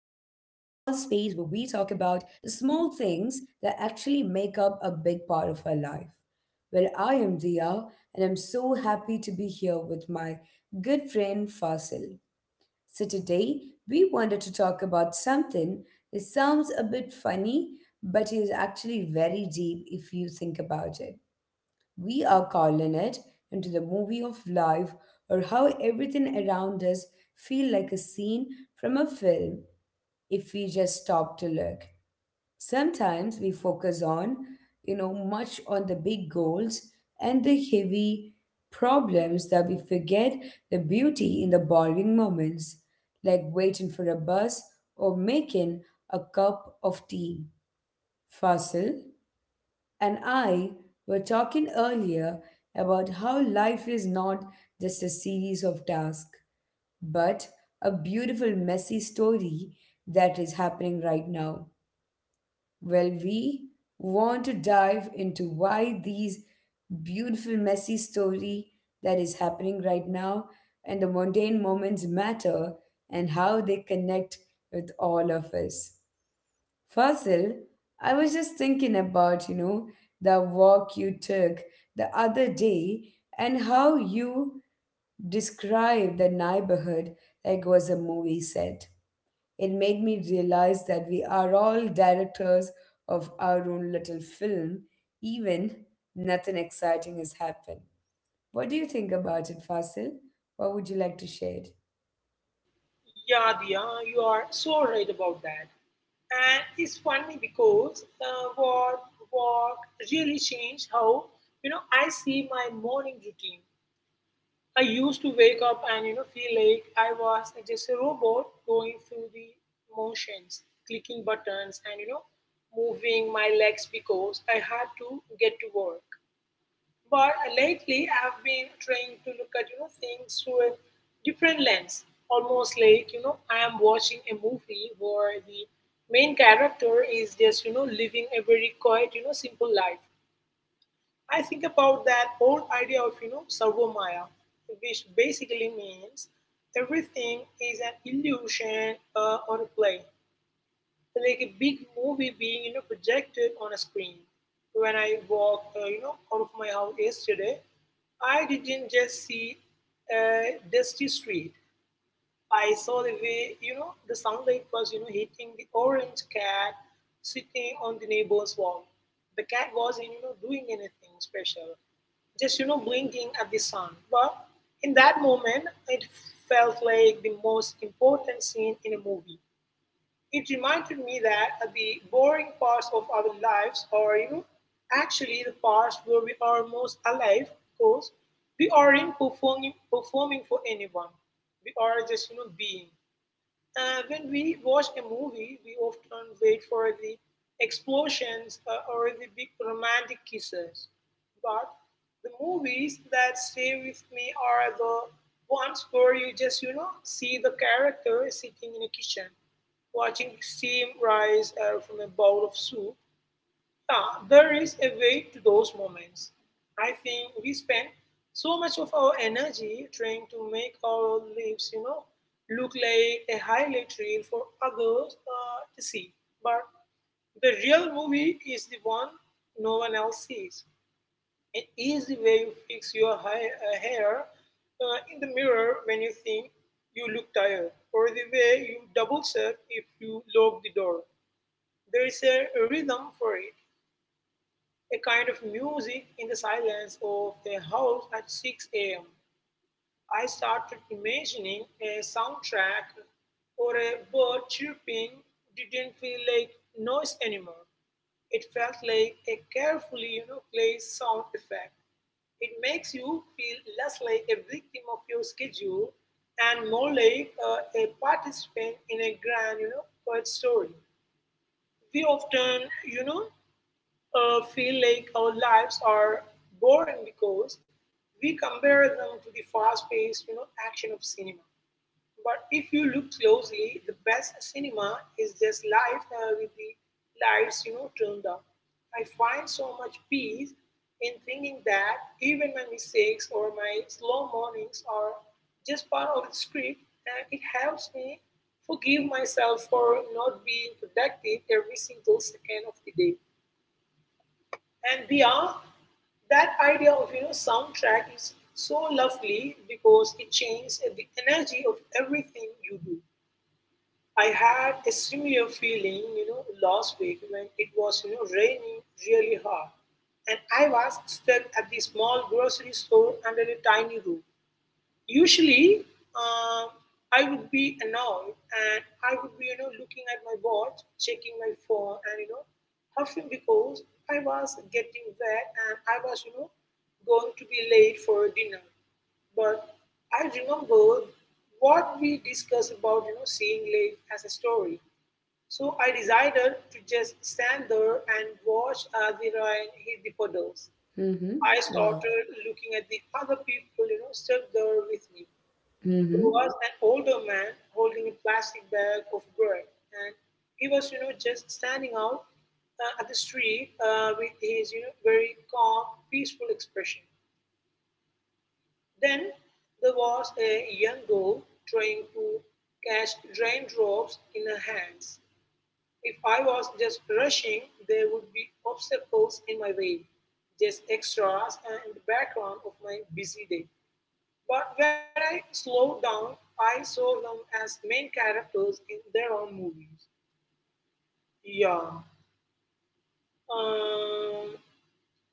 we talk about the small things that actually make up a big part of our life. Well, I am Dia, and I'm so happy to be here with my good friend Fasil. So, today we wanted to talk about something that sounds a bit funny, but is actually very deep if you think about it. We are calling it into the movie of life, or how everything around us feel like a scene from a film if we just stop to look. Sometimes we focus on, much on the big goals and the heavy problems that we forget the beauty in the boring moments, like waiting for a bus or making a cup of tea. Fasil and I were talking earlier about how life is not just a series of tasks, but a beautiful, messy story that is happening right now. Well, we want to dive into why these beautiful, messy story that is happening right now and the mundane moments matter and how they connect with all of us. Fossil, I was just thinking about the walk you took the other day, and how you described the neighborhood like was a movie set. It made me realize that we are all directors of our own little film, even nothing exciting has happened. What do you think about it, Fasil? What would you like to share? Yeah, Diya, you are so right about that. And it's funny because work really changed how I see my morning routine. I used to wake up and feel like I was just a robot going through the motions, clicking buttons, and moving my legs because I had to get to work. But lately, I've been trying to look at things through a different lens, almost like I am watching a movie where the main character is just living a very quiet simple life. I think about that old idea of sarvamaya, which basically means everything is an illusion or a play like a big movie being projected on a screen. When I walked out of my house yesterday, I didn't just see a dusty street. I saw the way the sunlight was hitting the orange cat sitting on the neighbor's wall. The cat wasn't doing anything special, just blinking at the sun. But in that moment, it felt like the most important scene in a movie. It reminded me that the boring parts of our lives are, you know, actually the parts where we are most alive because we aren't performing for anyone. We are just, you know, being. When we watch a movie, we often wait for the explosions or the big romantic kisses. But the movies that stay with me are the ones where you just, you know, see the character sitting in a kitchen, watching steam rise from a bowl of soup. Ah, there is a way to those moments. I think we spend so much of our energy trying to make our lives, you know, look like a highlight reel for others to see. But the real movie is the one no one else sees. It is the way you fix your hair in the mirror when you think you look tired, or the way you double check if you lock the door. There is a rhythm for it, a kind of music in the silence of their house at 6 a.m. I started imagining a soundtrack or a bird chirping didn't feel like noise anymore. It felt like a carefully you know, placed sound effect. It makes you feel less like a victim of your schedule and more like a participant in a grand, you know, poet story. We often feel like our lives are boring because we compare them to the fast paced you know, action of cinema. But if you look closely, the best cinema is just life with the lights you know, turned up. I find so much peace in thinking that even my mistakes or my slow mornings are just part of the script, and it helps me forgive myself for not being productive every single second of the day. And we are That idea of soundtrack is so lovely because it changes the energy of everything you do. I had a similar feeling last week when it was raining really hard, and I was stuck at the small grocery store under a tiny roof. Usually, uh, I would be annoyed and I would be, you know, looking at my watch, checking my phone, and you know, huffing because I was getting wet and I was, you know, going to be late for dinner. But I remembered what we discussed about, you know, seeing life as a story. So I decided to just stand there and watch as the rain hit the puddles. Mm-hmm. I Wow. started looking at the other people, you know, stuck there with me. There Mm-hmm. was an older man holding a plastic bag of bread, and he was, you know, just standing out at the street with his, you know, very calm, peaceful expression. Then there was a young girl trying to catch raindrops in her hands. If I was just rushing, there would be obstacles in my way, just extras in the background of my busy day. But when I slowed down, I saw them as main characters in their own movies. Yeah. Um,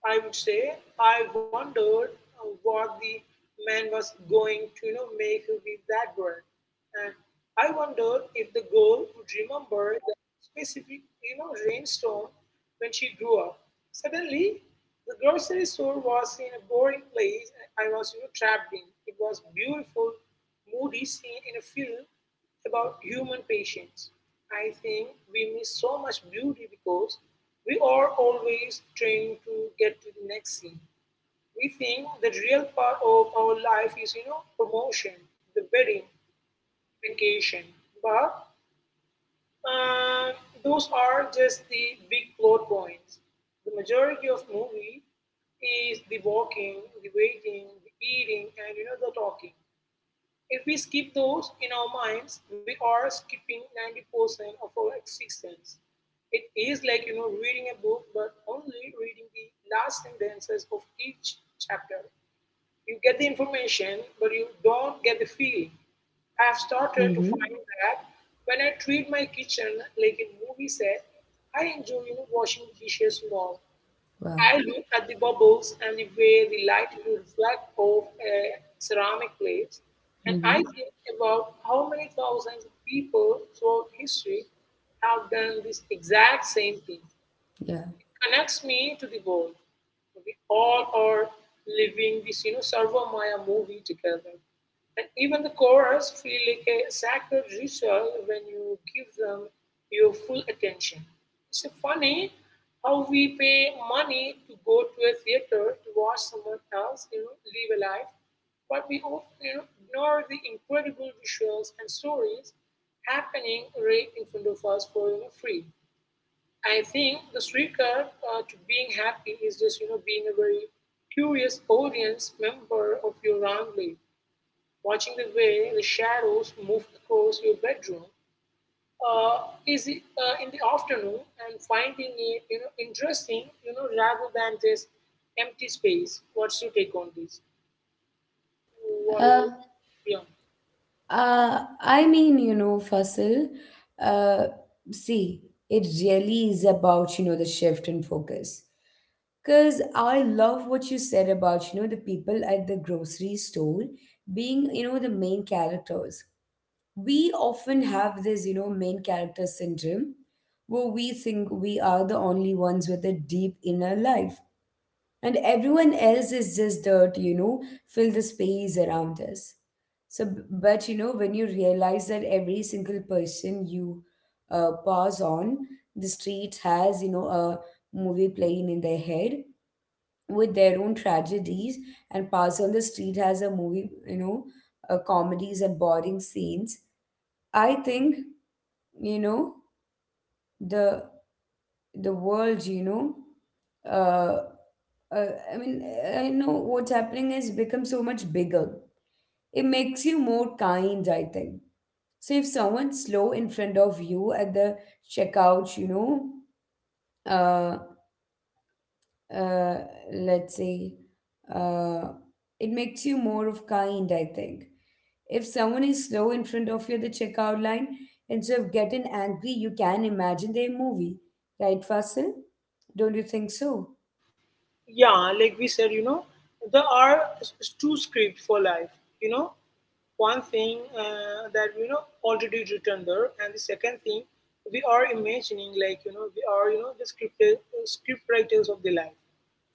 I would say I wondered what the man was going to you know, make with that word. And I wondered if the girl would remember that specific you know, rainstorm when she grew up. Suddenly, the grocery store was in a boring place and I was you know, trapped in. It was beautiful, moody scene in a film about human patience. I think we miss so much beauty because we are always trying to get to the next scene. We think the real part of our life is, you know, promotion, the wedding, vacation. But uh, those are just the big plot points. The majority of movie is the walking, the waiting, the eating, and the talking. If we skip those in our minds, we are skipping 90% of our existence. It is like, you know, reading a book, but only reading the last sentences of each chapter. You get the information, but you don't get the feeling. I have started to find Mm-hmm. that when I treat my kitchen like a movie set, I enjoy you know, washing the dishes more. Wow. I look at the bubbles and the way the light would reflect off a ceramic plate, and I Mm-hmm. think about how many thousands of people throughout history have done this exact same thing connects me to the world. We all are living this, you know, Sarva Maya movie together. And even the chorus feel like a sacred ritual when you give them your full attention. It's funny how we pay money to go to a theater to watch someone else, you know, live a life, but we often you know, ignore the incredible visuals and stories happening right in front of us for you know, free. I think the secret to being happy is just, you know, being a very curious audience member of your own life, watching the way the shadows move across your bedroom. Uh, is it in the afternoon and finding it, you know, interesting, you know, rather than this empty space. What's your take on this? What do? Yeah. Yeah. I mean, Fasil, uh, see, it really is about the shift in focus. Because I love what you said about the people at the grocery store being the main characters. We often have this main character syndrome, where we think we are the only ones with a deep inner life, and everyone else is just there to fill the space around us. But when you realize that every single person you pass on the street has a movie playing in their head with their own tragedies, and pass on the street has a movie, comedies and boring scenes. I think you know the the world, uh, uh, I mean, I know what's happening is become so much bigger. It makes you more kind, I think. So if someone's slow in front of you at the checkout, uh, uh, let's say, uh, it makes you more of kind, I think. If someone is slow in front of you at the checkout line, instead of getting angry, you can imagine their movie, right, Fasil? Don't you think so? Yeah, like we said, you know, there are two scripts for life. You know, one thing that already written there, and the second thing we are imagining, like we are the script writers of the life.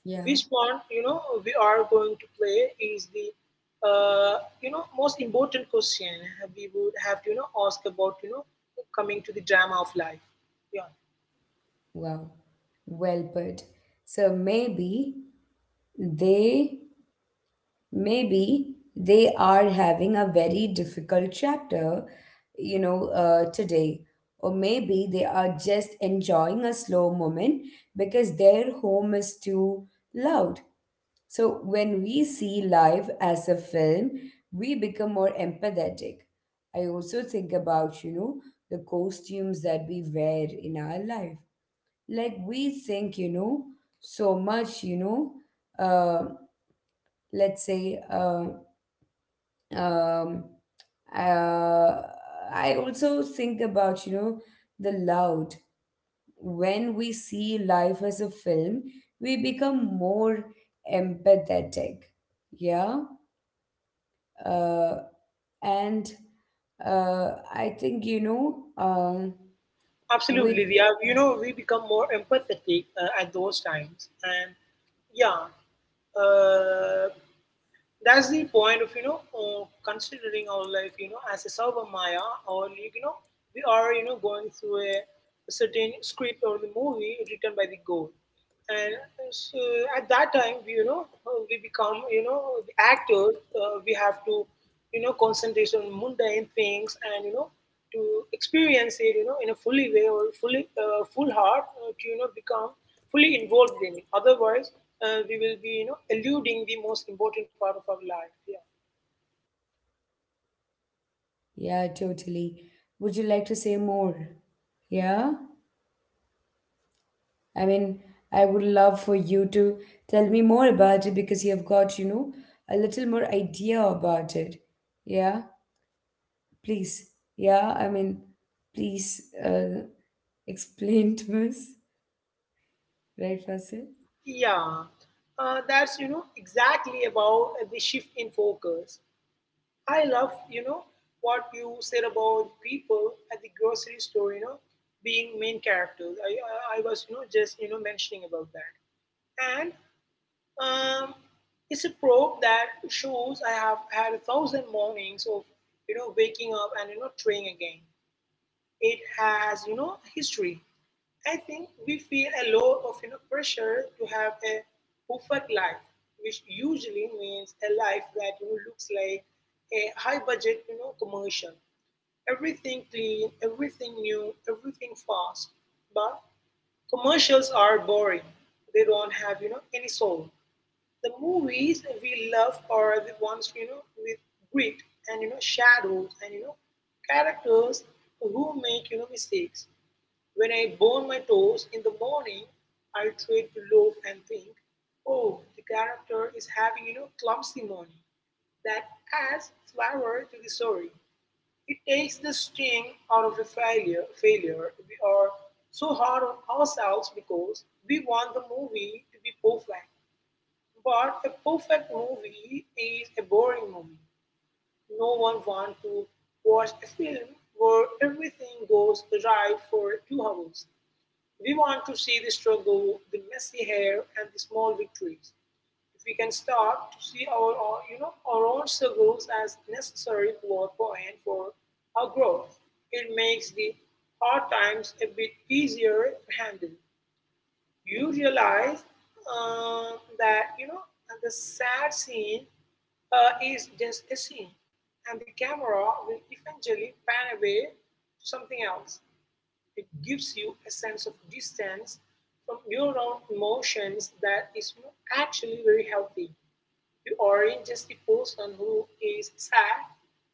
Yeah. Which one we are going to play is the most important question we would have to ask about coming to the drama of life. Yeah. Wow, well put. So maybe they, maybe they are having a very difficult chapter, today. Or maybe they are just enjoying a slow moment because their home is too loud. So when we see life as a film, we become more empathetic. I also think about the costumes that we wear in our life, like we think so much you know uh, let's say um, uh, I also think about the loud, when we see life as a film we become more empathetic. Yeah. Uh, and uh, I think with. Absolutely, they are. You know, we become more empathetic at those times, and yeah, uh, that's the point of considering our life as a sober maya or we are going through a certain script or the movie written by the goal and so at that time we we become the actors we have to concentrate on mundane things and to experience it in a fully way or full heart to become fully involved in it. Otherwise, we will be, you know, eluding the most important part of our life. Yeah, Yeah, totally. Would you like to say more? Yeah. I mean, I would love for you to tell me more about it, because you have got a little more idea about it. Yeah, please. Yeah, I mean, please, explain to us, right, Fasil? yeah. That's exactly about the shift in focus. I love what you said about people at the grocery store. You know, being main characters. I was just mentioning about that, and um, it's a probe that shows I have had a thousand mornings of waking up and trying again. It has, you know, history. I think we feel a lot of you know, pressure to have a perfect life, which usually means a life that you know, looks like a high budget, you know, commercial. Everything clean, everything new, everything fast. But commercials are boring. They don't have, you know, any soul. The movies we love are the ones, you know, with grit and shadows and characters who make mistakes when I burn my toes in the morning, I try to loaf and think, "Oh, the character is having clumsy morning." That adds flavor to the story. It takes the sting out of a failure. Failure. We are so hard on ourselves because we want the movie to be perfect. But a perfect movie is a boring movie. No one wants to watch a film where everything goes right for 2 hours. We want to see the struggle, the messy hair, and the small victories. If we can start to see our own struggles as necessary plot point for our growth, it makes the hard times a bit easier to handle. You realize uh, that the sad scene is just a scene, and the camera will eventually pan away to something else. It gives you a sense of distance from your own emotions that is not actually very healthy. You aren't just the person who is sad,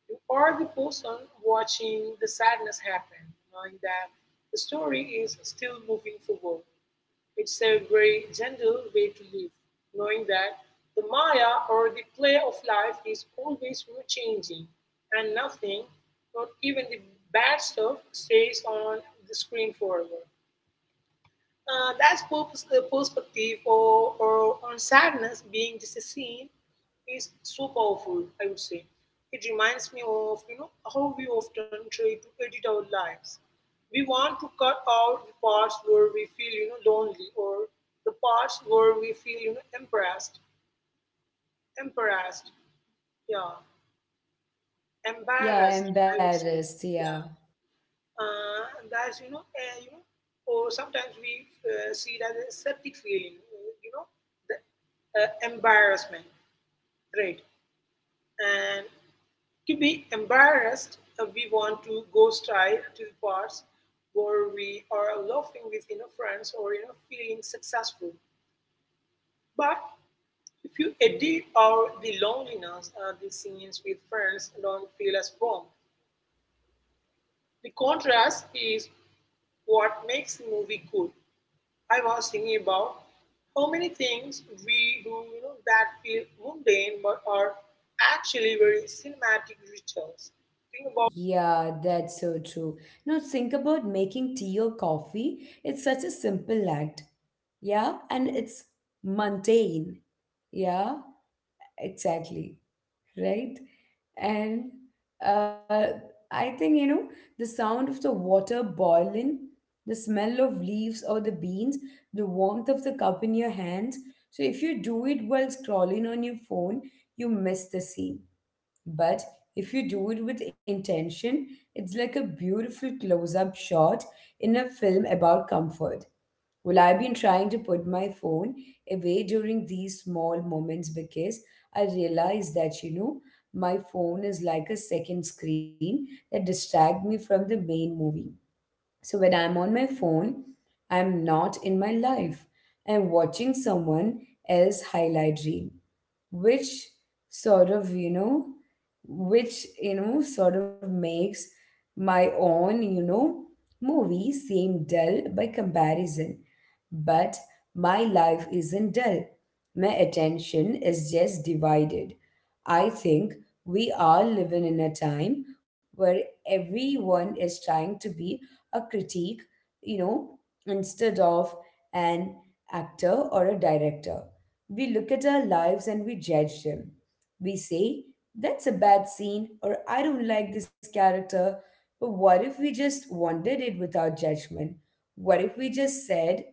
you are the person watching the sadness happen, knowing that the story is still moving forward. It's a very gentle way to live, knowing that the Maya or the play of life is always changing, and nothing, not even the bad stuff, stays on the screen forever. That's purpose, the perspective or on sadness being just a scene is so powerful, I would say. It reminds me of how we often try to edit our lives. We want to cut out the parts where we feel, lonely, or the parts where we feel, embarrassed, yeah, embarrassed, Yeah, I would say, embarrassed. yeah. Yeah. And that's you know or sometimes we see it as a septic feeling, you know the embarrassment, right, and to be embarrassed, we want to go straight to the parts where we are laughing with friends or feeling successful. But if you edit out the loneliness, the scenes with friends don't feel as warm. The contrast is what makes the movie good. I was thinking about how many things we do, you know, that feel mundane but are actually very cinematic rituals. Think about Yeah, that's so true. Now, think about making tea or coffee. It's such a simple act. Yeah, and it's mundane. Yeah, exactly. Right? And uh, I think, the sound of the water boiling, the smell of leaves or the beans, the warmth of the cup in your hands. So if you do it while scrolling on your phone, you miss the scene. But if you do it with intention, it's like a beautiful close up shot in a film about comfort. Will I been trying to put my phone away during these small moments, because I realize that my phone is like a second screen that distracts me from the main movie. So when I'm on my phone, I'm not in my life. I'm watching someone else highlight reel, which sort of makes my own movie seem dull by comparison. But my life isn't dull, my attention is just divided. I think we are living in a time where everyone is trying to be a critique you know instead of an actor or a director. We look at our lives and we judge them. We say, that's a bad scene, or I don't like this character. But what if we just wanted it without judgment? What if we just said,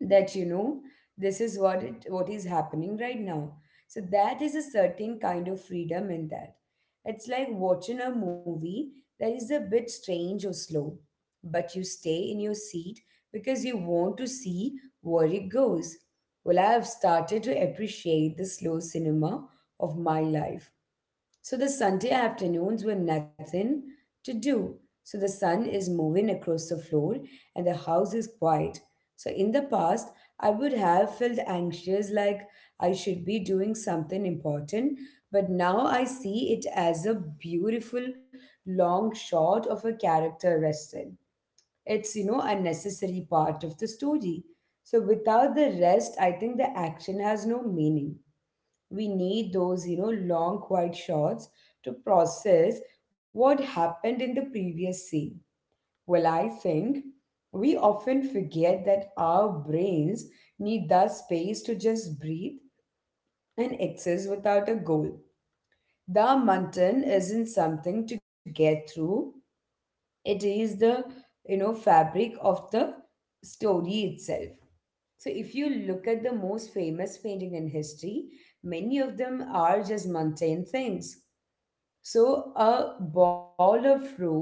that this is what is happening right now? So that is a certain kind of freedom in that. It's like watching a movie that is a bit strange or slow, but you stay in your seat because you want to see where it goes. Well, I have started to appreciate the slow cinema of my life. So the Sunday afternoons were nothing to do. So the sun is moving across the floor and the house is quiet. So in the past, I would have felt anxious, like I should be doing something important, but now I see it as a beautiful long shot of a character rested. It's, you know, a necessary part of the story. So without the rest, I think the action has no meaning. We need those long quiet shots to process what happened in the previous scene. Well, I think we often forget that our brains need that space to just breathe and exist without a goal. The mountain isn't something to get through, it is the fabric of the story itself. So if you look at the most famous painting in history, many of them are just mundane things. So a bowl of fruit,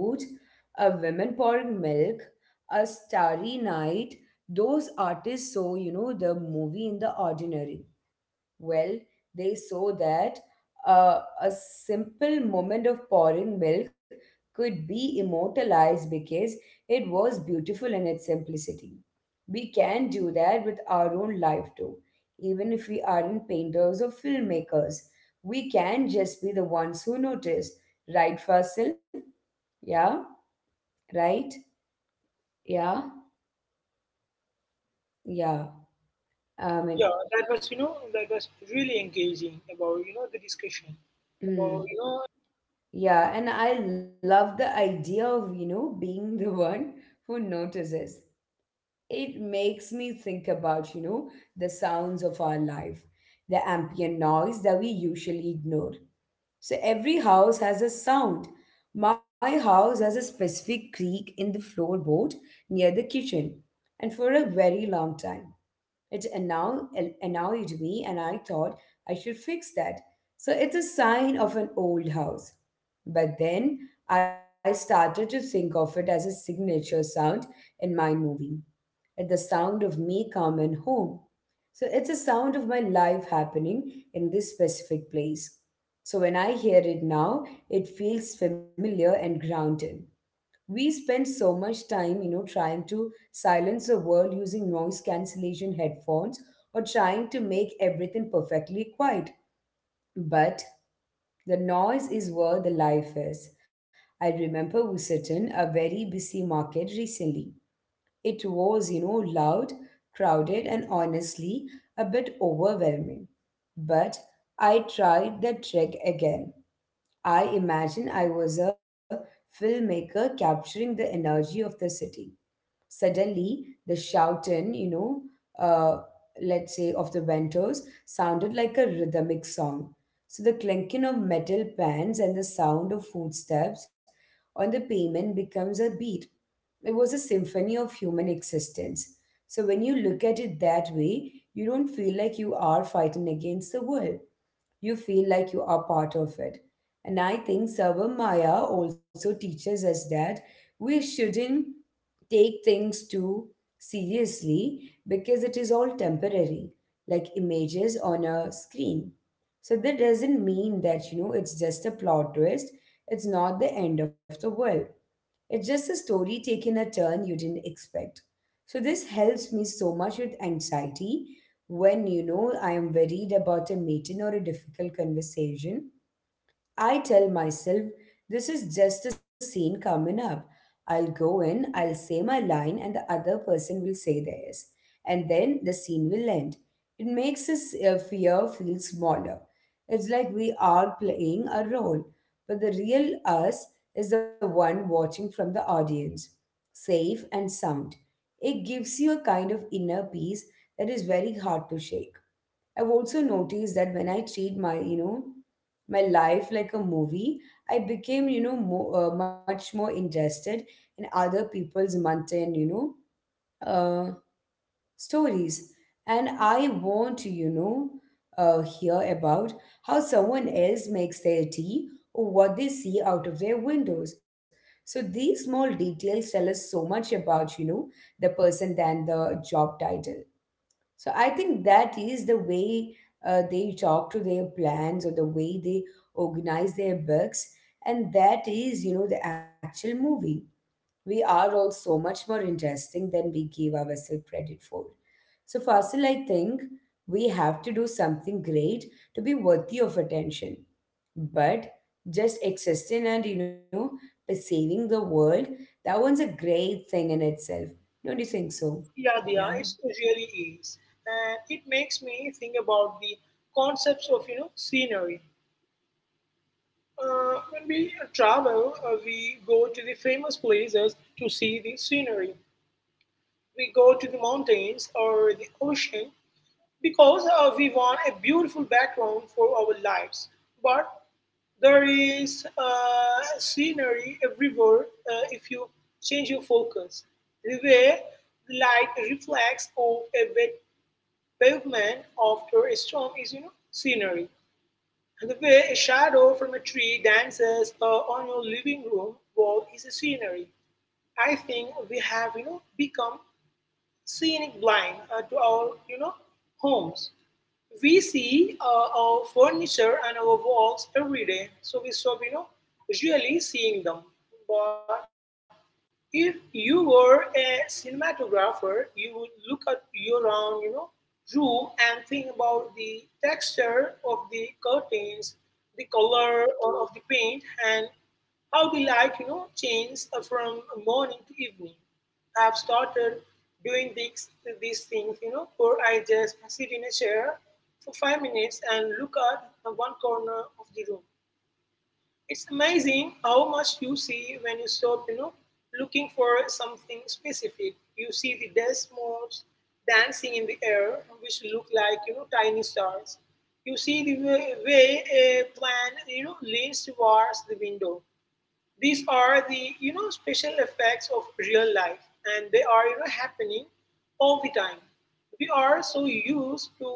a woman pouring milk, a starry night, those artists saw the movie in the ordinary. Well, they saw that a simple moment of pouring milk could be immortalized because it was beautiful in its simplicity. We can do that with our own life too. Even if we aren't painters or filmmakers, we can just be the ones who notice. Right, Fasil? Yeah? Right? Yeah? Yeah. I mean, Yeah, that was really engaging about the discussion about mm, you know yeah. And I love the idea of being the one who notices. It makes me think about the sounds of our life, the ambient noise that we usually ignore. So every house has a sound. My house has a specific creak in the floorboard near the kitchen, and for a very long time it annoyed me, and I thought I should fix that. So it's a sign of an old house. But then I started to think of it as a signature sound in my movie, like the sound of me coming home. So it's a sound of my life happening in this specific place. So when I hear it now, it feels familiar and grounded. We spend so much time, trying to silence the world using noise cancellation headphones, or trying to make everything perfectly quiet. But the noise is where the life is. I remember visiting a very busy market recently. It was loud, crowded, and honestly a bit overwhelming. But I tried the trek again. I imagine I was a filmmaker capturing the energy of the city. Suddenly, the shouting, you know, uh, let's say of the venters, sounded like a rhythmic song. So the clinking of metal pans and the sound of footsteps on the pavement becomes a beat. It was a symphony of human existence. So when you look at it that way, you don't feel like you are fighting against the world, you feel like you are part of it. And I think Savamaya also teaches us that we shouldn't take things too seriously, because it is all temporary, like images on a screen. So that, doesn't mean that it's just a plot twist, it's not the end of the world. It's just a story taking a turn you didn't expect. So this helps me so much with anxiety when I am worried about a meeting or a difficult conversation. I tell myself, this is just a scene coming up. I'll go in, I'll say my line, and the other person will say theirs. And then the scene will end. It makes us fear feel smaller. It's like we are playing a role, but the real us is the one watching from the audience, safe and sound. It gives you a kind of inner peace that is very hard to shake. I've also noticed that when I treat my, my life like a movie, I became, you know, mo much more interested in other people's mundane, uh, stories. And I want to, hear about how someone else makes their tea or what they see out of their windows. So these small details tell us so much about, the person than the job title. So I think that is the way they talk to their plans or the way they organize their books. And that is, the actual movie. We are all so much more interesting than we give ourselves credit for. So, Fasil, I think we have to do something great to be worthy of attention. But just existing and, saving the world, that one's a great thing in itself. Don't you think so? yeah, yeah, it Yeah. really is. And it makes me think about the concepts of scenery. When we travel, we go to the famous places to see the scenery. We go to the mountains or the ocean because we want a beautiful background for our lives, but there is scenery everywhere if you change your focus. The way the light reflects off a wet pavement after a storm is, you know, scenery. And the way a shadow from a tree dances on your living room wall is a scenery. I think we have become scenic blind, to our homes. We see our furniture and our walls every day, so we stop usually seeing them. But if you were a cinematographer, you would look at your own room and think about the texture of the curtains, the color of the paint, and how the light changes from morning to evening. I've started doing these things, where I just sit in a chair for 5 minutes and look at one corner of the room. It's amazing how much you see when you stop looking for something specific. You see the dust motes dancing in the air, which look like tiny stars. You see the way a plant leans towards the window. These are the special effects of real life, and they are happening all the time. We are so used to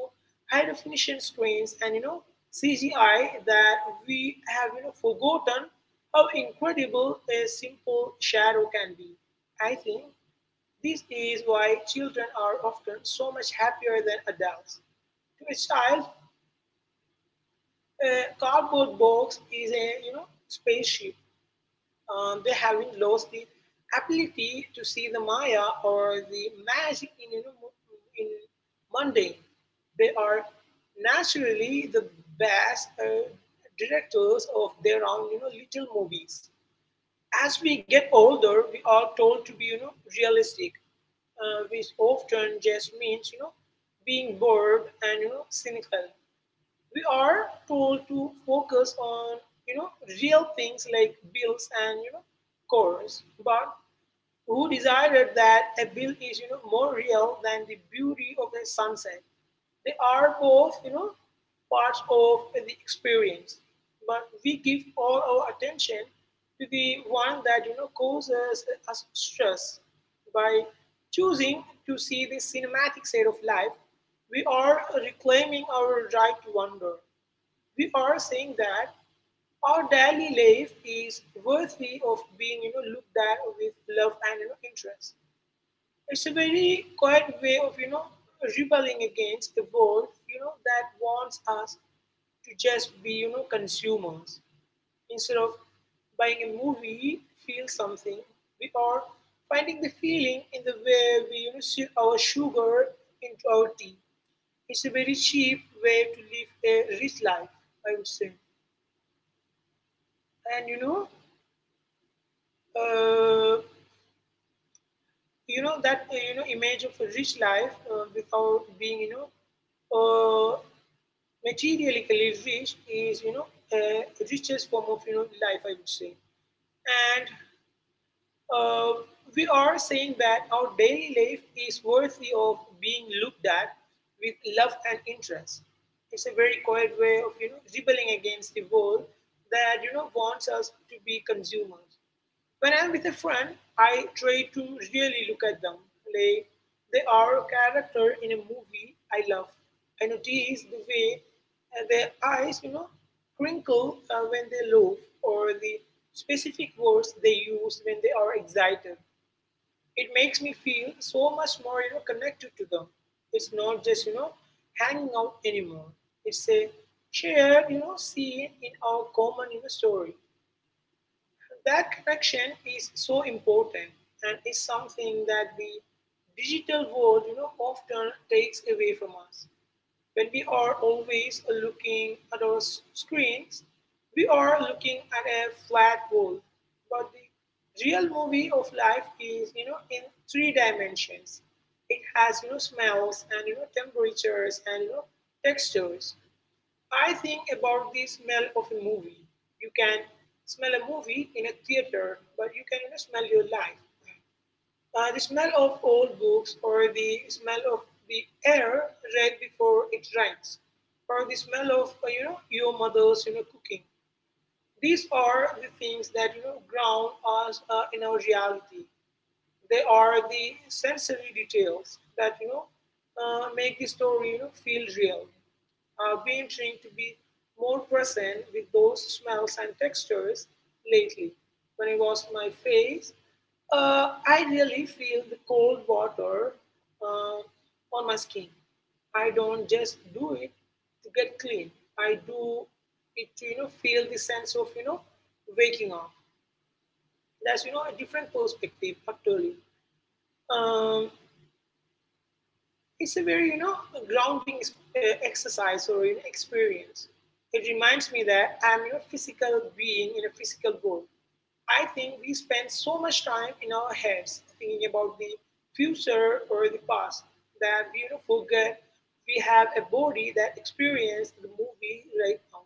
high definition screens and CGI that we have forgotten how incredible a simple shadow can be. I think this is why children are often so much happier than adults. To a child, a cardboard box is a spaceship, they having lost the ability to see the Maya or the magic in mundane. They are naturally the best directors of their own little movies. As we get older, we are told to be realistic, which often just means being bored and cynical. We are told to focus on you know real things like bills and chores, but who decided that a bill is more real than the beauty of a sunset. They are both parts of the experience, but we give all our attention to the one that causes us stress. By choosing to see the cinematic side of life, we are reclaiming our right to wonder. We are saying that our daily life is worthy of being looked at with love and interest. It's a very quiet way of rebelling against the world that wants us to just be consumers. Instead of buying a movie feel something, we are finding the feeling in the way we sip our sugar into our tea. It's a very cheap way to live a rich life, I would say. And uh, you know that you know image of a rich life, without being uh, materially rich, is richest form of life, I would say. And uh, we are saying that our daily life is worthy of being looked at with love and interest. It's a very quiet way of rebelling against the world that wants us to be consumers. When I'm with a friend, I try to really look at them like they are a character in a movie I love. I notice the way their eyes crinkle when they laugh, or the specific words they use when they are excited. It makes me feel so much more connected to them. It's not just hanging out anymore. It's a shared scene in our common story. That connection is so important and is something that the digital world often takes away from us. When we are always looking at our screens, we are looking at a flat wall. But the real movie of life is in three dimensions. It has smells and temperatures and textures. I think about the smell of a movie. You can smell a movie in a theater, but you can smell your life. The smell of old books, or the smell of the air right before it rains, or the smell of your mother's cooking. These are the things that ground us in our reality. They are the sensory details that make the story feel real. I've been trying to be more present with those smells and textures lately. When I wash my face, I really feel the cold water uh, on my skin. I don't just do it to get clean. I do it to feel the sense of waking up. That's a different perspective utterly. Um, it's a very grounding exercise or an experience. It reminds me that I'm a physical being in a physical world. I think we spend so much time in our heads thinking about the future or the past that we forget we have a body that experienced the movie right now.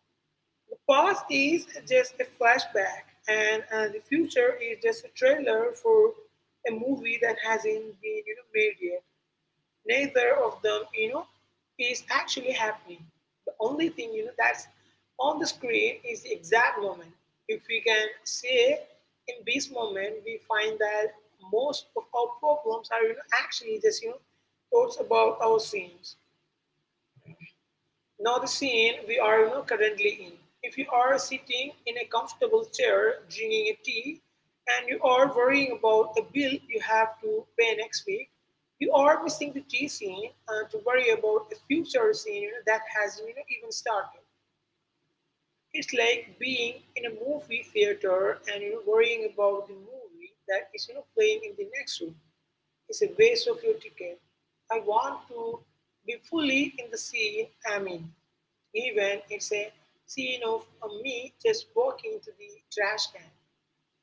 The past is just a flashback, and the future is just a trailer for a movie that hasn't been made yet. Neither of them is actually happening. The only thing that's on the screen is the exact moment. If we can say in this moment, we find that most of our problems are actually just thoughts about our sins now, the scene we are currently in. If you are sitting in a comfortable chair drinking a tea and you are worrying about a bill you have to pay next week, you are missing the tea scene to worry about a future scene that hasn't even started. It's like being in a movie theater and worrying about the movie that is playing in the next room is a waste of your ticket. I want to be fully in the scene I'm in, even it's a scene of me just walking to the trash can.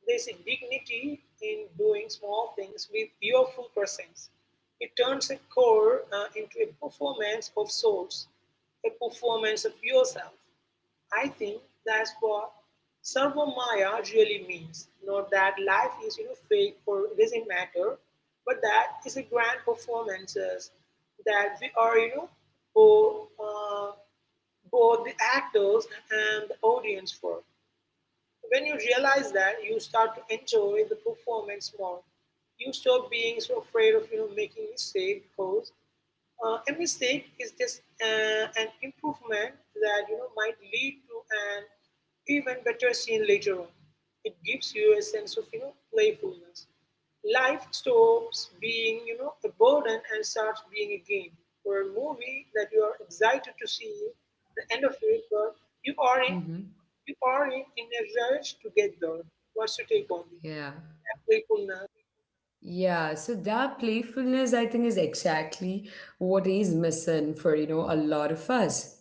There's a dignity in doing small things with your full presence. It turns a core into a performance of sorts, a performance of yourself. I think that's what Sarva Maya really means. Not that life is fake or it doesn't matter, but that is a grand performances that we are both, uh, both the actors and the audience for. When you realize that, you start to enjoy the performance more. You stop being so afraid of making mistake because a mistake is just an improvement that might lead to an even better scene later on. It gives you a sense of playfulness. Life stops being a burden and starts being a game or a movie that you are excited to see the end of it, but you are in Mm-hmm. we are in a rush to get there. What's your take on this? Yeah. Playfulness. Yeah, so that playfulness, I think, is exactly what is missing for, a lot of us.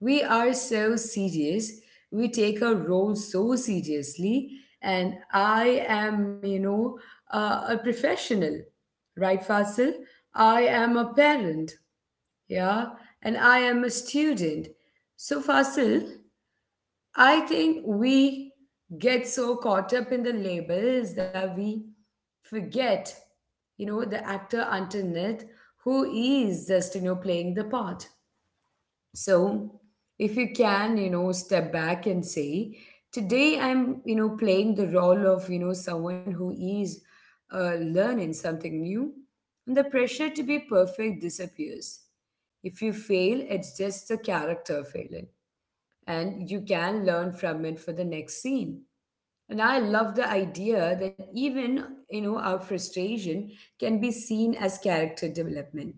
We are so serious. We take our roles so seriously. And I am, a professional, right, Fasil? I am a parent, yeah, and I am a student. So, Fasil, I think we get so caught up in the labels that we forget, the actor underneath who is just, playing the part. So if you can, step back and say, today I'm, playing the role of, someone who is learning something new, and the pressure to be perfect disappears. If you fail, it's just the character failing and you can learn from it for the next scene. And I love the idea that even our frustration can be seen as character development,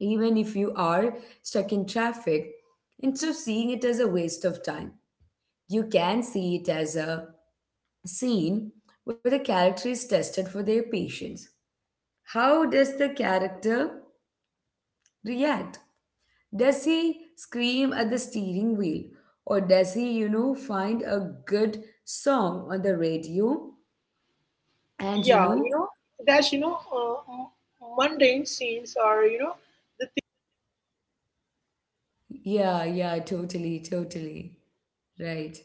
even if you are stuck in traffic. Instead of seeing it as a waste of time, you can see it as a scene where the character is tested for their patience. How does the character react? Does he scream at the steering wheel? Or does he, find a good song on the radio? And, you Yeah, know, that's, mundane scenes are, yeah, yeah, totally, totally. Right.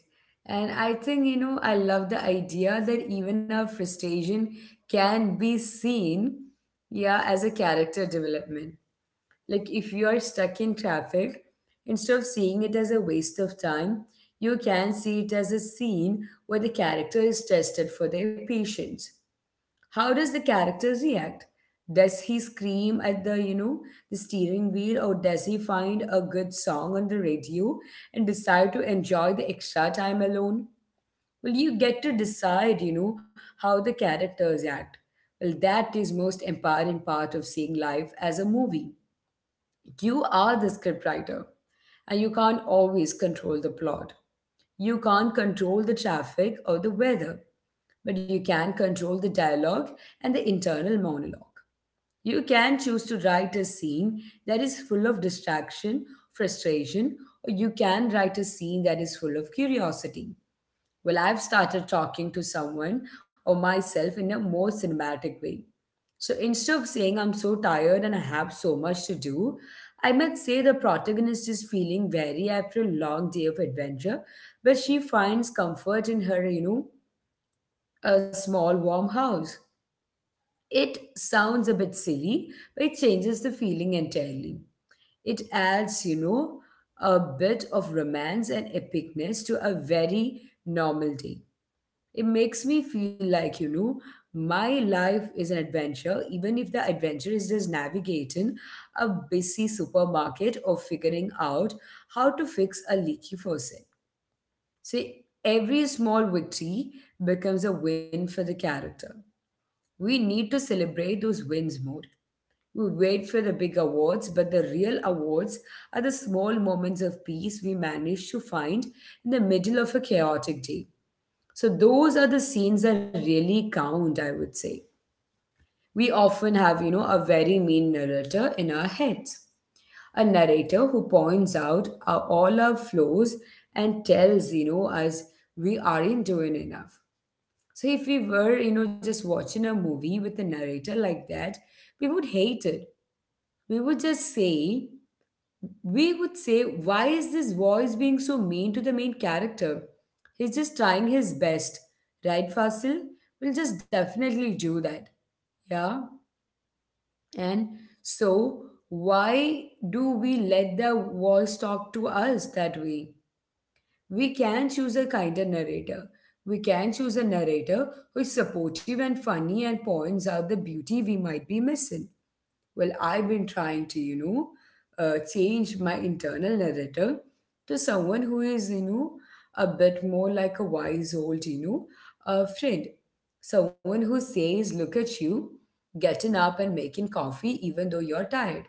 And I think, I love the idea that even our frustration can be seen, yeah, as a character development. Like if you are stuck in traffic, instead of seeing it as a waste of time, you can see it as a scene where the character is tested for their patience. How does the character react? Does he scream at the, the steering wheel or does he find a good song on the radio and decide to enjoy the extra time alone? Well, you get to decide, how the characters act. Well, that is most empowering part of seeing life as a movie. You are the scriptwriter, and you can't always control the plot. You can't control the traffic or the weather, but you can control the dialogue and the internal monologue. You can choose to write a scene that is full of distraction, frustration, or you can write a scene that is full of curiosity. Well, I've started talking to someone or myself in a more cinematic way. So instead of saying I'm so tired and I have so much to do, I might say the protagonist is feeling weary after a long day of adventure, but she finds comfort in her, a small warm house. It sounds a bit silly, but it changes the feeling entirely. It adds, a bit of romance and epicness to a very normal day. It makes me feel like, my life is an adventure, even if the adventure is just navigating a busy supermarket or figuring out how to fix a leaky faucet. See, every small victory becomes a win for the character. We need to celebrate those wins more. We wait for the big awards, but the real awards are the small moments of peace we manage to find in the middle of a chaotic day. So those are the scenes that really count, I would say. We often have, a very mean narrator in our heads. A narrator who points out our, all our flaws and tells, us we aren't doing enough. So if we were, just watching a movie with a narrator like that, we would hate it. We would just say, we would say, why is this voice being so mean to the main character? He's just trying his best, right, Fasil? We'll just definitely do that. Yeah. And so, why do we let the voice talk to us that way? We can choose a kinder narrator. We can choose a narrator who is supportive and funny and points out the beauty we might be missing. Well, I've been trying to, change my internal narrator to someone who is, a bit more like a wise old, a friend. Someone who says, look at you, getting up and making coffee even though you're tired.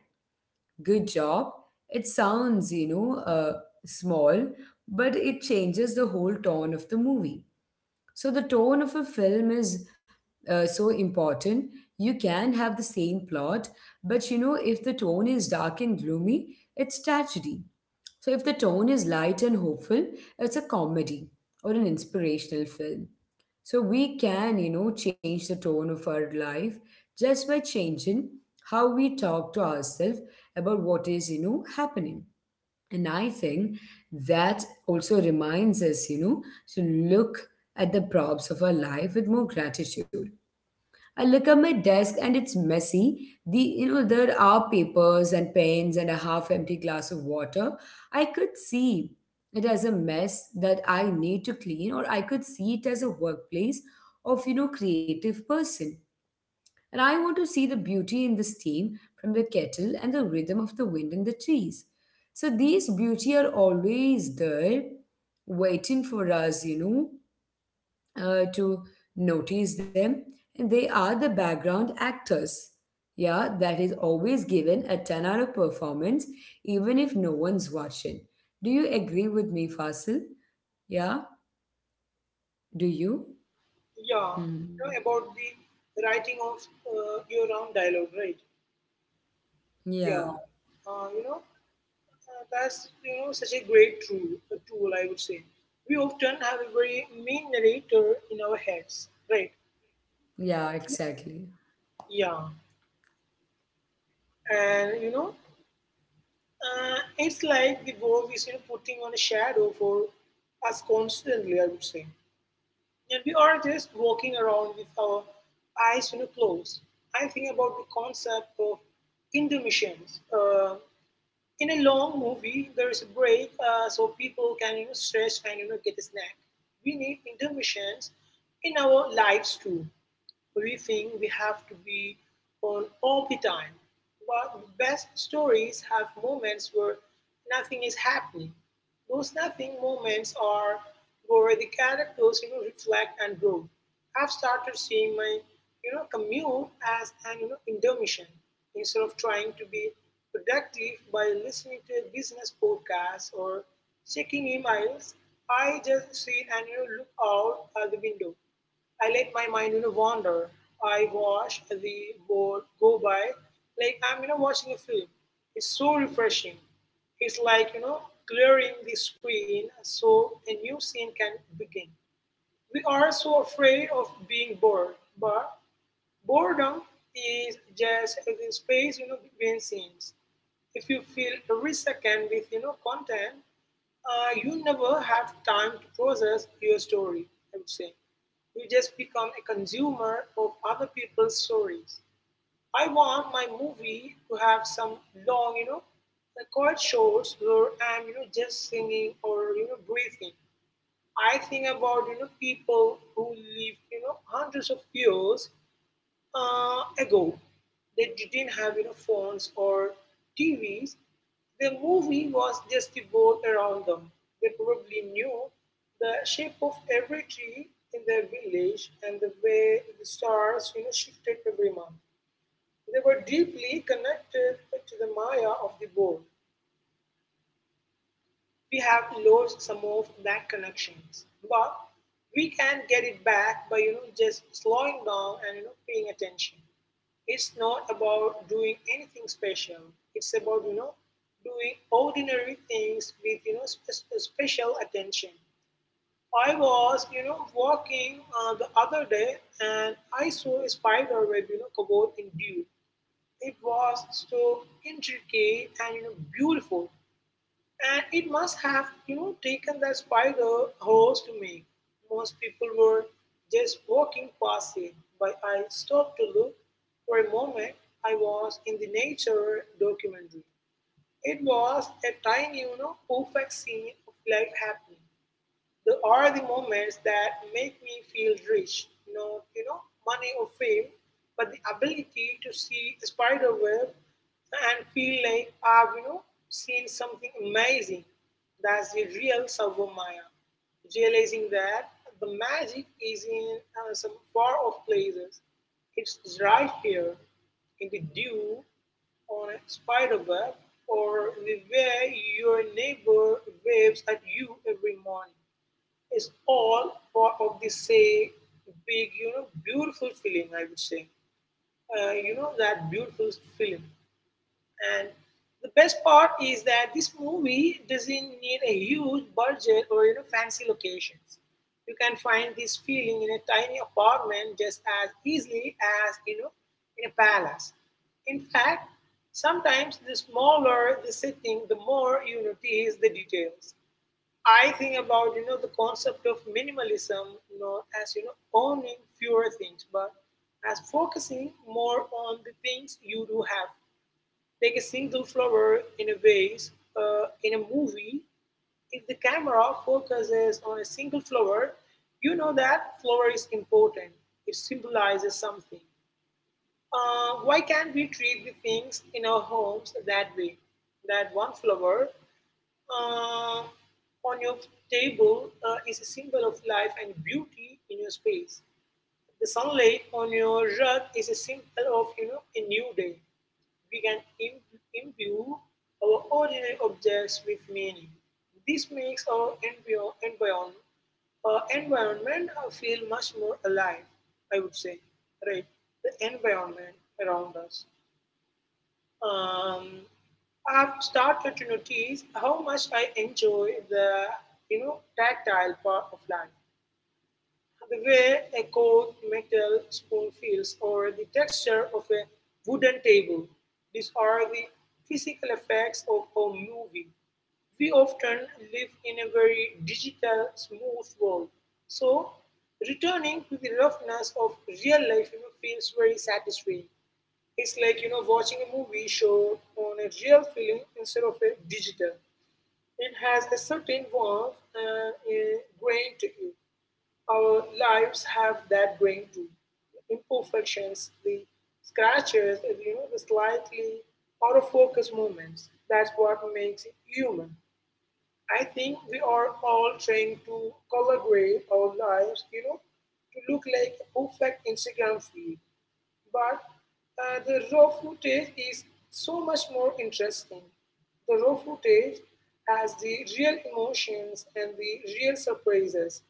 Good job. It sounds, small, but it changes the whole tone of the movie. So the tone of a film is so important. You can have the same plot, but if the tone is dark and gloomy, it's tragedy. So if the tone is light and hopeful, it's a comedy or an inspirational film. So we can, change the tone of our life just by changing how we talk to ourselves about what is, happening. And I think that also reminds us, to look at the props of our life with more gratitude. I look at my desk and it's messy. There are papers and pens and a half empty glass of water. I could see it as a mess that I need to clean, or I could see it as a workplace of creative person. And I want to see the beauty in the steam from the kettle and the rhythm of the wind in the trees. So these beauty are always there, waiting for us, to notice them. And they are the background actors. Yeah, that is always given a 10-hour performance, even if no one's watching. Do you agree with me, Fasil? Yeah, do you? yeah, Hmm. About the writing of your own dialogue, right? Yeah, Yeah. Uh, you know, that's, such a great tool, I would say. We often have a very mean narrator in our heads, right? yeah, exactly. Yeah. And, it's like the world is putting on a shadow for us constantly, I would say. And we are just walking around with our eyes closed. I think about the concept of intermissions. In a long movie, there is a break so people can stretch and get a snack. We need intermissions in our lives too. We think we have to be on all the time, while the best stories have moments where nothing is happening. Those nothing moments are where the characters reflect and grow. I've started seeing my commute as an intermission instead of trying to be productive by listening to a business podcast or checking emails. I just sit and look out at the window. I let my mind, wander. I watch the boat go by like I'm, watching a film. It's so refreshing. It's like, clearing the screen so a new scene can begin. We are so afraid of being bored, but boredom is just the space between scenes. If you fill every second with content, you never have time to process your story. I would say you just become a consumer of other people's stories. I want my movie to have some long, the quiet shorts where I'm just singing or breathing. I think about people who lived hundreds of years ago. They didn't have phones or TVs. The movie was just the world around them. They probably knew the shape of every tree in their village and the way the stars shifted every month. They were deeply connected to the Maya of the world. We have lost some of that connections, but we can get it back by just slowing down and paying attention. It's not about doing anything special. It's about doing ordinary things with special attention. I was walking the other day and I saw a spider web covered in dew. It was so intricate and beautiful and it must have taken that spider hours to make. Most people were just walking past it, but I stopped to look. For a moment, I was in the nature documentary. It was a tiny, perfect scene of life happening. They are the moments that make me feel rich, not, money or fame, but the ability to see a spider web and feel like I've, seen something amazing. That's the real Sago. Realizing that the magic is in some far off places. It's right here in the dew on a spider web or the way your neighbor waves at you every morning is all part of the same big, beautiful feeling, I would say. That beautiful feeling. And the best part is that this movie doesn't need a huge budget or, fancy locations. You can find this feeling in a tiny apartment just as easily as, in a palace. In fact, sometimes the smaller the setting, the more you notice the details. I think about the concept of minimalism, as owning fewer things, but as focusing more on the things you do have, like a single flower in a vase in a movie. If the camera focuses on a single flower, you know that flower is important. It symbolizes something. Why can't we treat the things in our homes that way? That one flower uh, on your table is a symbol of life and beauty in your space. The sunlight on your rug is a symbol of a new day. We can imbue our ordinary objects with meaning. This makes our environment feel much more alive. I would say, right? The environment around us um, I've started to notice how much I enjoy the tactile part of life, the way a cold metal spoon feels, or the texture of a wooden table. These are the physical effects of our movie. We often live in a very digital, smooth world, so returning to the roughness of real life feels very satisfying. It's like watching a movie show on a real film instead of a digital. It has a certain warmth and a grain to it. Our lives have that grain too. The imperfections, the scratches, and, the slightly out of focus moments. That's what makes it human. I think we are all trying to color grade our lives, to look like a perfect Instagram feed. But the raw footage is so much more interesting. The raw footage has the real emotions and the real surprises.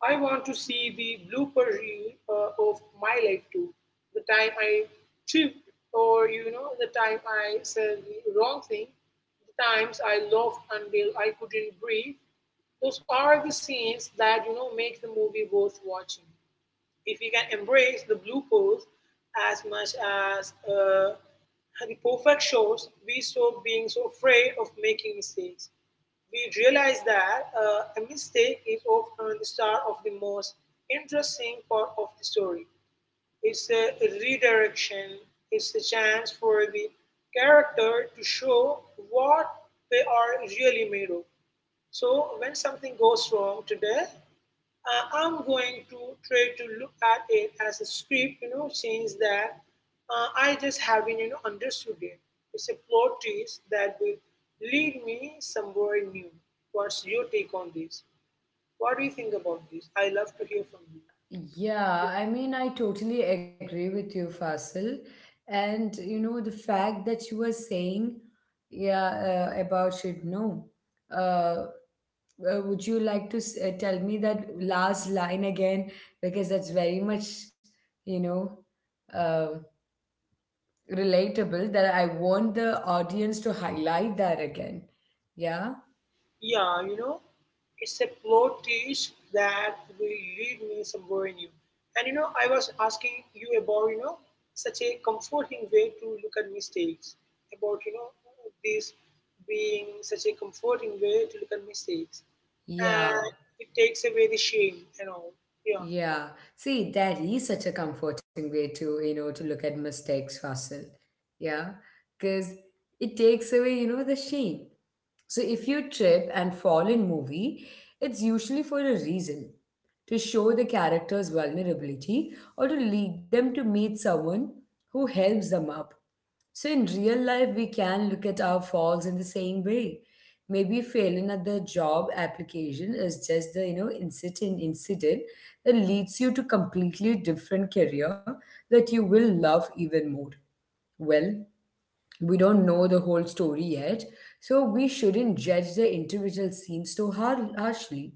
I want to see the blooper reel of my life too. The time I tripped, or the time I said the wrong thing, the times I laughed until I couldn't breathe. Those are the scenes that make the movie worth watching. If we can embrace the blue pose as much as the perfect shows, we stop being so afraid of making mistakes. We realize that a mistake is often the start of the most interesting part of the story. It's a redirection, it's a chance for the character to show what they are really made of. So when something goes wrong today, I'm going to try to look at it as a script, change that. I just haven't, understood it. It's a plot twist that will lead me somewhere new. What's your take on this? What do you think about this? I love to hear from you. Yeah, I mean, I totally agree with you, Fasil. And the fact that you were saying, yeah, about should know. Uh, would you like to tell me that last line again? Because that's very much, you know, um relatable that I want the audience to highlight that again. Yeah, Yeah, it's a plot twist that will lead me somewhere new. And I was asking you about, such a comforting way to look at mistakes, about, this being such a comforting way to look at mistakes. yeah. And it takes away the shame and all. Yeah. Yeah, see, that is such a comforting way to, to look at mistakes, Fasil. Yeah, because it takes away, the shame. So if you trip and fall in movie, it's usually for a reason, to show the character's vulnerability or to lead them to meet someone who helps them up. So, in real life, we can look at our falls in the same way. Maybe failing at the job application is just the incident that leads you to completely different career that you will love even more. Well, we don't know the whole story yet, so we shouldn't judge the individual scenes too harshly.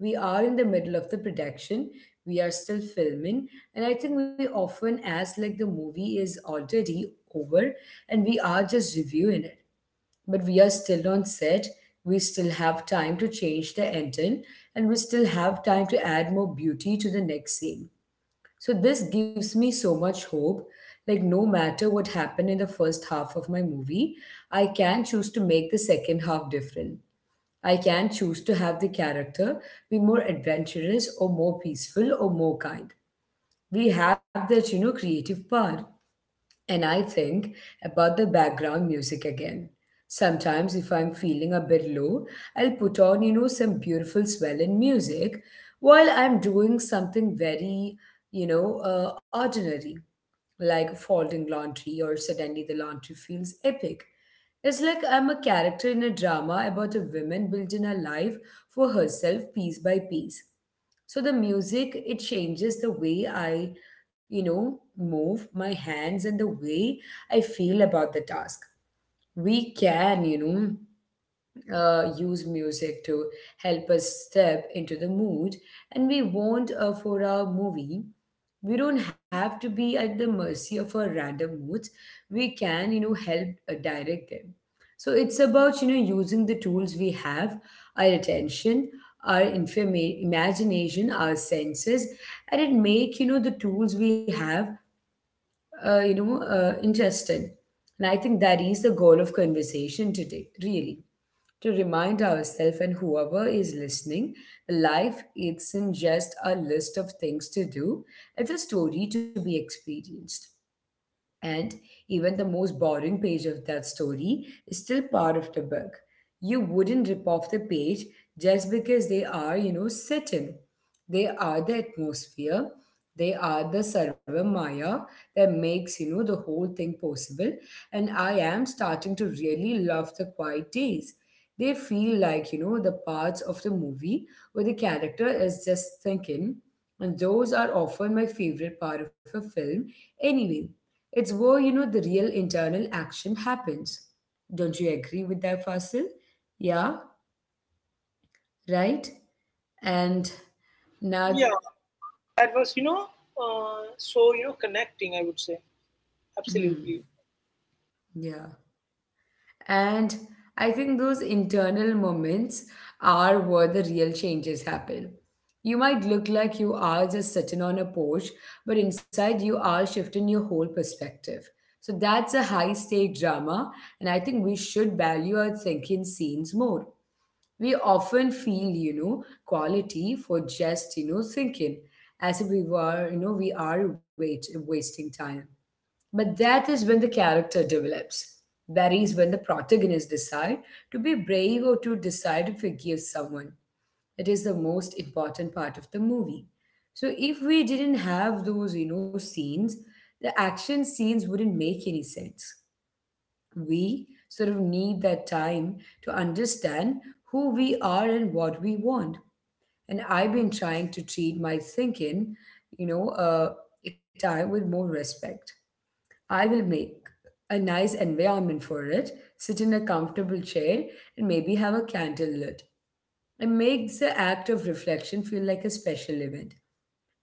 We are in the middle of the production. We are still filming, and I think we often ask like the movie is already over and we are just reviewing it, but we are still on set. We still have time to change the ending, and we still have time to add more beauty to the next scene. So this gives me so much hope. Like no matter what happened in the first half of my movie, I can choose to make the second half different. I can choose to have the character be more adventurous or more peaceful or more kind. We have that, creative part. And I think about the background music again. Sometimes, if I'm feeling a bit low, I'll put on, some beautiful swelling music while I'm doing something very, ordinary like folding laundry or suddenly the laundry feels epic. It's like I'm a character in a drama about a woman building a life for herself piece by piece. So the music, it changes the way I, move my hands and the way I feel about the task. We can, you know, use music to help us step into the mood, and we want, for our movie, we don't have to be at the mercy of our random moods. We can, you know, help, direct them. So it's about, you know, using the tools we have: our attention, our imagination, our senses. And it make, you know, the tools we have, you know, interesting. And I think that is the goal of conversation today, really, to remind ourselves and whoever is listening: life isn't just a list of things to do, it's a story to be experienced. And even the most boring page of that story is still part of the book. You wouldn't rip off the page just because they are, you know, set in. They are the atmosphere, they are the sarva maya that makes, you know, the whole thing possible. And I am starting to really love the quiet days. They feel like, you know, the parts of the movie where the character is just thinking. And those are often my favorite part of a film, anyway. It's where, you know, the real internal action happens. Don't you agree with that, Fasil? Yeah, right? And now, Yeah. That was, so, connecting, I would say. hmm, Absolutely. yeah. And I think those internal moments are where the real changes happen. You might look like you are just sitting on a porch, but inside you are shifting your whole perspective. So that's a high stake drama, and I think we should value our thinking scenes more. We often feel, you know, quality for just, you know, thinking, as if we were, wasting time. But that is when the character develops, that is when the protagonist decide to be brave or to decide to forgive someone. It is the most important part of the movie. So if we didn't have those, you know, scenes, the action scenes wouldn't make any sense. We sort of need that time to understand who we are and what we want. And I've been trying to treat my thinking, you know, uh, time with more respect. I will make a nice environment for it, sit in a comfortable chair, and maybe have a candle lit. It makes the act of reflection feel like a special event.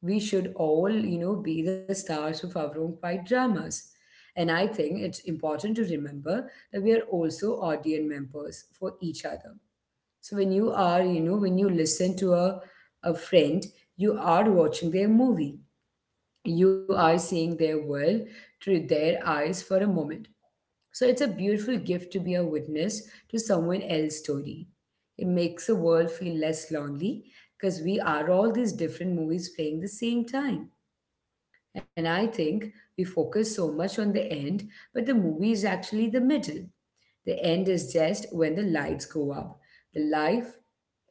We should all, you know, be the stars of our own quiet dramas. And I think it's important to remember that we are also audience members for each other. So when you are, you know, when you listen to a friend, you are watching their movie. You are seeing their world through their eyes for a moment. So it's a beautiful gift to be a witness to someone else's story. It makes the world feel less lonely because we are all these different movies playing the same time. And I think we focus so much on the end, but the movie is actually the middle. The end is just when the lights go up. The life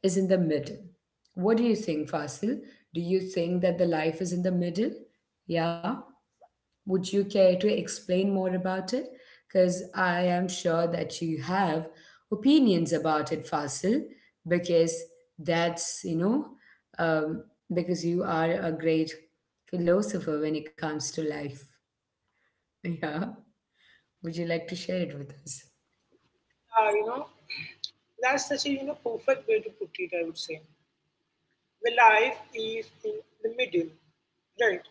is in the middle. What do you think, Fasil? Do you think that the life is in the middle? Yeah? Would you care to explain more about it? Because I am sure that you have opinions about it, Fasil, because that's, you know, um, because you are a great philosopher when it comes to life. Yeah. Would you like to share it with Uh, you know, that's such a, perfect way to put it, I would say. Where life is in the middle. Right.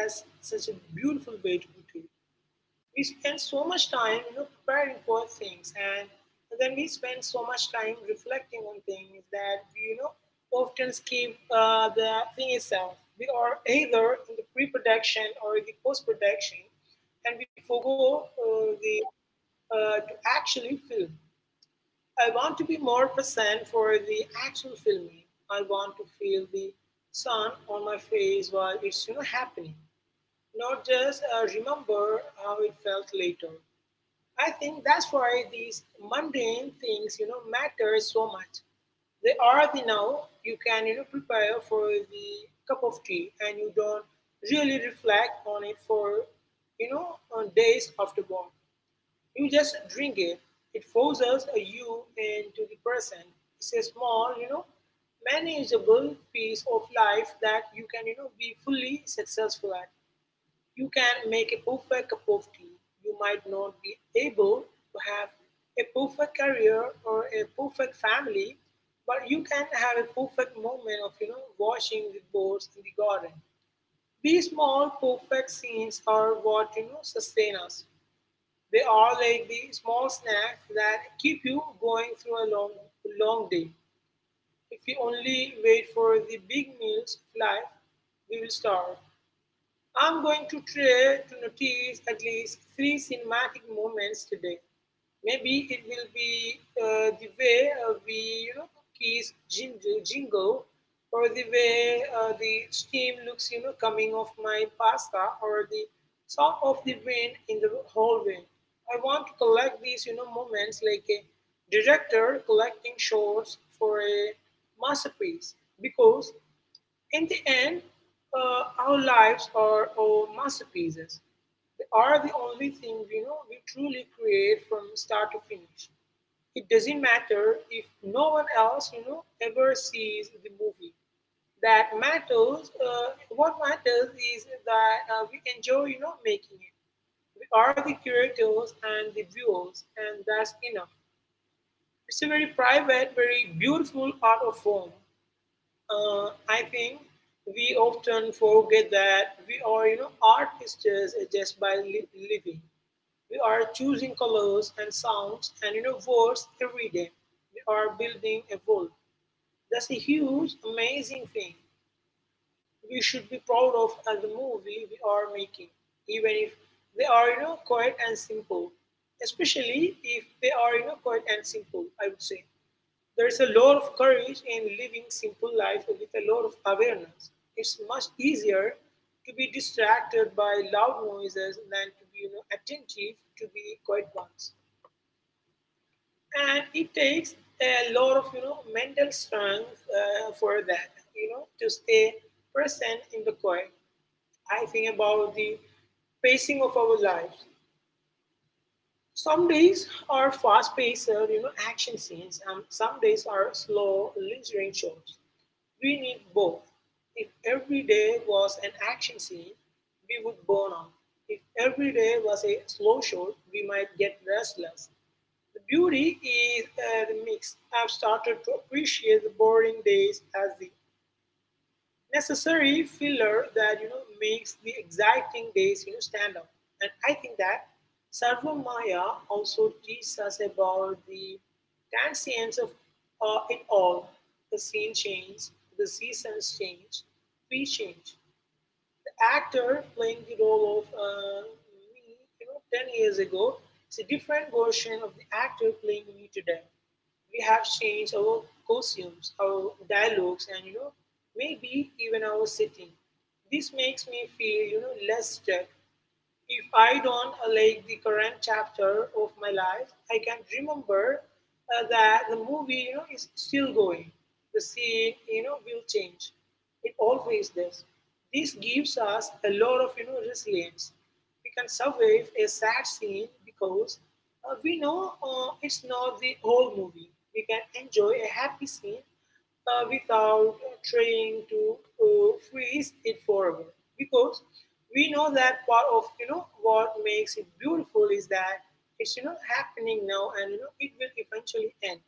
That's such a beautiful way to put it. We spend so much time, preparing for things, and then we spend so much time reflecting on things that we, often skip the thing itself. We are either in the pre-production or the post-production, and we forego the to actually film. I want to be more present for the actual filming. I want to feel the sun on my face while it's happening, not just remember how it felt later. I think that's why these mundane things matter so much. They are the now. You can prepare for the cup of tea and you don't really reflect on it for on days afterward. You just drink it. It forces you into the present. It's a small, manageable piece of life that you can, be fully successful at. You can make a perfect cup of tea. You might not be able to have a perfect career or a perfect family, but you can have a perfect moment of, washing the boards in the garden. These small perfect scenes are what, sustain us. They are like the small snacks that keep you going through a long, long day. If we only wait for the big meals of life, we will starve. I'm going to try to notice at least three cinematic moments today. Maybe it will be the way we you know, kiss Jingo, or the way the steam looks coming off my pasta, or the sound of the wind in the hallway. I want to collect these moments like a director collecting shots for a masterpiece because in the end, our lives are our masterpieces. They are the only thing we know we truly create from start to finish. It doesn't matter if no one else ever sees the movie. That matters. What matters is that we enjoy making it. We are the curators and the viewers, and that's enough. It's a very private, very beautiful art of form I think we often forget that we are artists just by living. We are choosing colors and sounds and words every day. We are building a world. That's a huge, amazing thing we should be proud of as the movie we are making, even if they are quiet and simple. Especially if they are quiet and simple, I would say. There is a lot of courage in living simple life with a lot of awareness. It's much easier to be distracted by loud noises than to be attentive to the quiet ones. And it takes a lot of mental strength for that, to stay present in the quiet. I think about the pacing of our lives. Some days are fast-paced, action scenes, and some days are slow, lingering shows. We need both. If every day was an action scene, we would burn out. If every day was a slow show, we might get restless. The beauty is the mix. I've started to appreciate the boring days as the necessary filler that makes the exciting days stand out. And I think that Sarvamaya also teaches us about the transience of it all. The scene change, the seasons change, we change. The actor playing the role of me 10 years ago is a different version of the actor playing me today. We have changed our costumes, our dialogues, and maybe even our setting. This makes me feel less stuck if I don't like the current chapter of my life, I can remember that the movie is still going. The scene will change. It always does. This gives us a lot of resilience. We can survive a sad scene because we know it's not the whole movie. We can enjoy a happy scene without trying to freeze it forever because we know that part of what makes it beautiful is that it's happening now and it will eventually end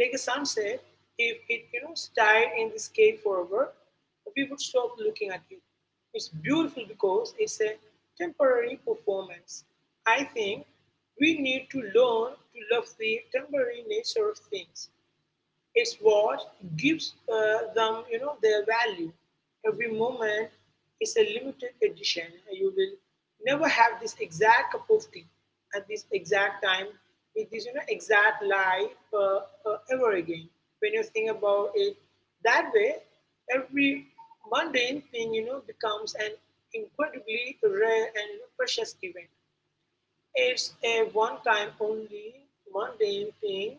like a sunset if it stayed in the sky forever we would stop looking at it. It's beautiful because it's a temporary performance. I think we need to learn to love the temporary nature of things. It's what gives them their value. Every moment is a limited edition. You will never have this exact cup of tea at this exact time with this exact life ever again. When you think about it that way, every mundane thing becomes an incredibly rare and precious event. It's a one-time only mundane thing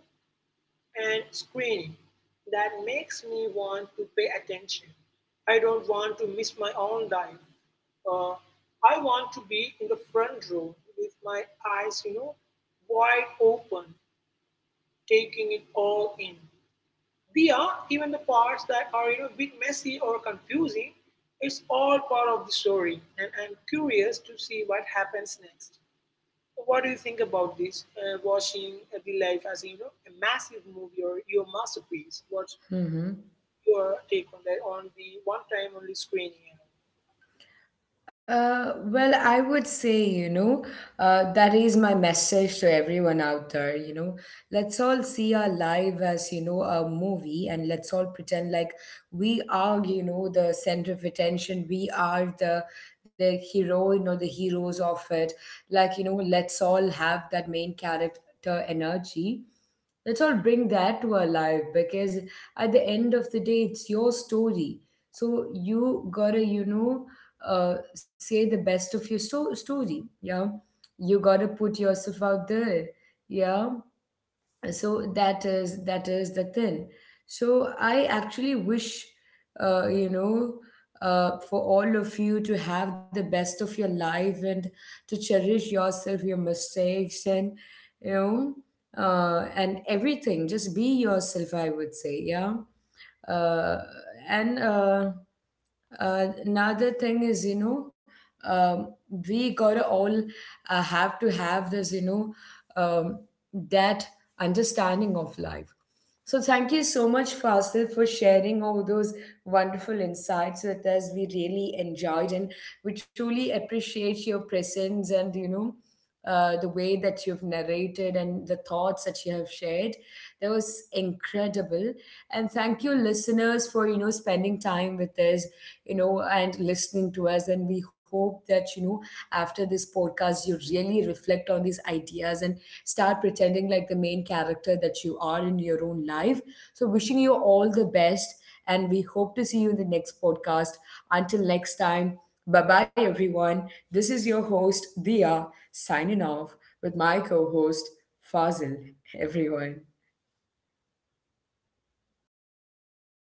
and screening that makes me want to pay attention. I don't want to miss my own life. Uh, I want to be in the front row with my eyes wide open, taking it all in. They are even the parts that are a bit messy or confusing. It's all part of the story, and I'm curious to see what happens next. So what do you think about this? Watching the life as a massive movie or your masterpiece. What's us? your take on that? On the one time only screening. And all? Well, I would say, you know, that is my message to everyone out there. You know, let's all see our life as, you know, a movie, and let's all pretend like we are, you know, the center of attention. We are the heroine or the heroes of it. Like, you know, let's all have that main character energy. Let's all bring that to our life, because at the end of the day, it's your story. So you gotta, you know, say the best of your story. Yeah, you gotta put yourself out there. Yeah. So that is the thing. So I actually wish, you know, for all of you to have the best of your life, and to cherish yourself, your mistakes, and, you know, and everything. Just be yourself, I would say. Yeah. uh, and Another thing is, you know, um, we gotta all have to have this you know um, that understanding of life. So thank you so much, Fasil, for sharing all those wonderful insights with us. We really enjoyed, and we truly appreciate your presence, and, you know, the way that you've narrated and the thoughts that you have shared. That was incredible. And thank you, listeners, for, you know, spending time with us, you know, and listening to us. And we hope that, you know, after this podcast, you really reflect on these ideas and start pretending like the main character that you are in your own life. So, wishing you all the best. And we hope to see you in the next podcast. Until next time, bye bye, everyone. This is your host, Dia, signing off with my co host, Fazil, everyone.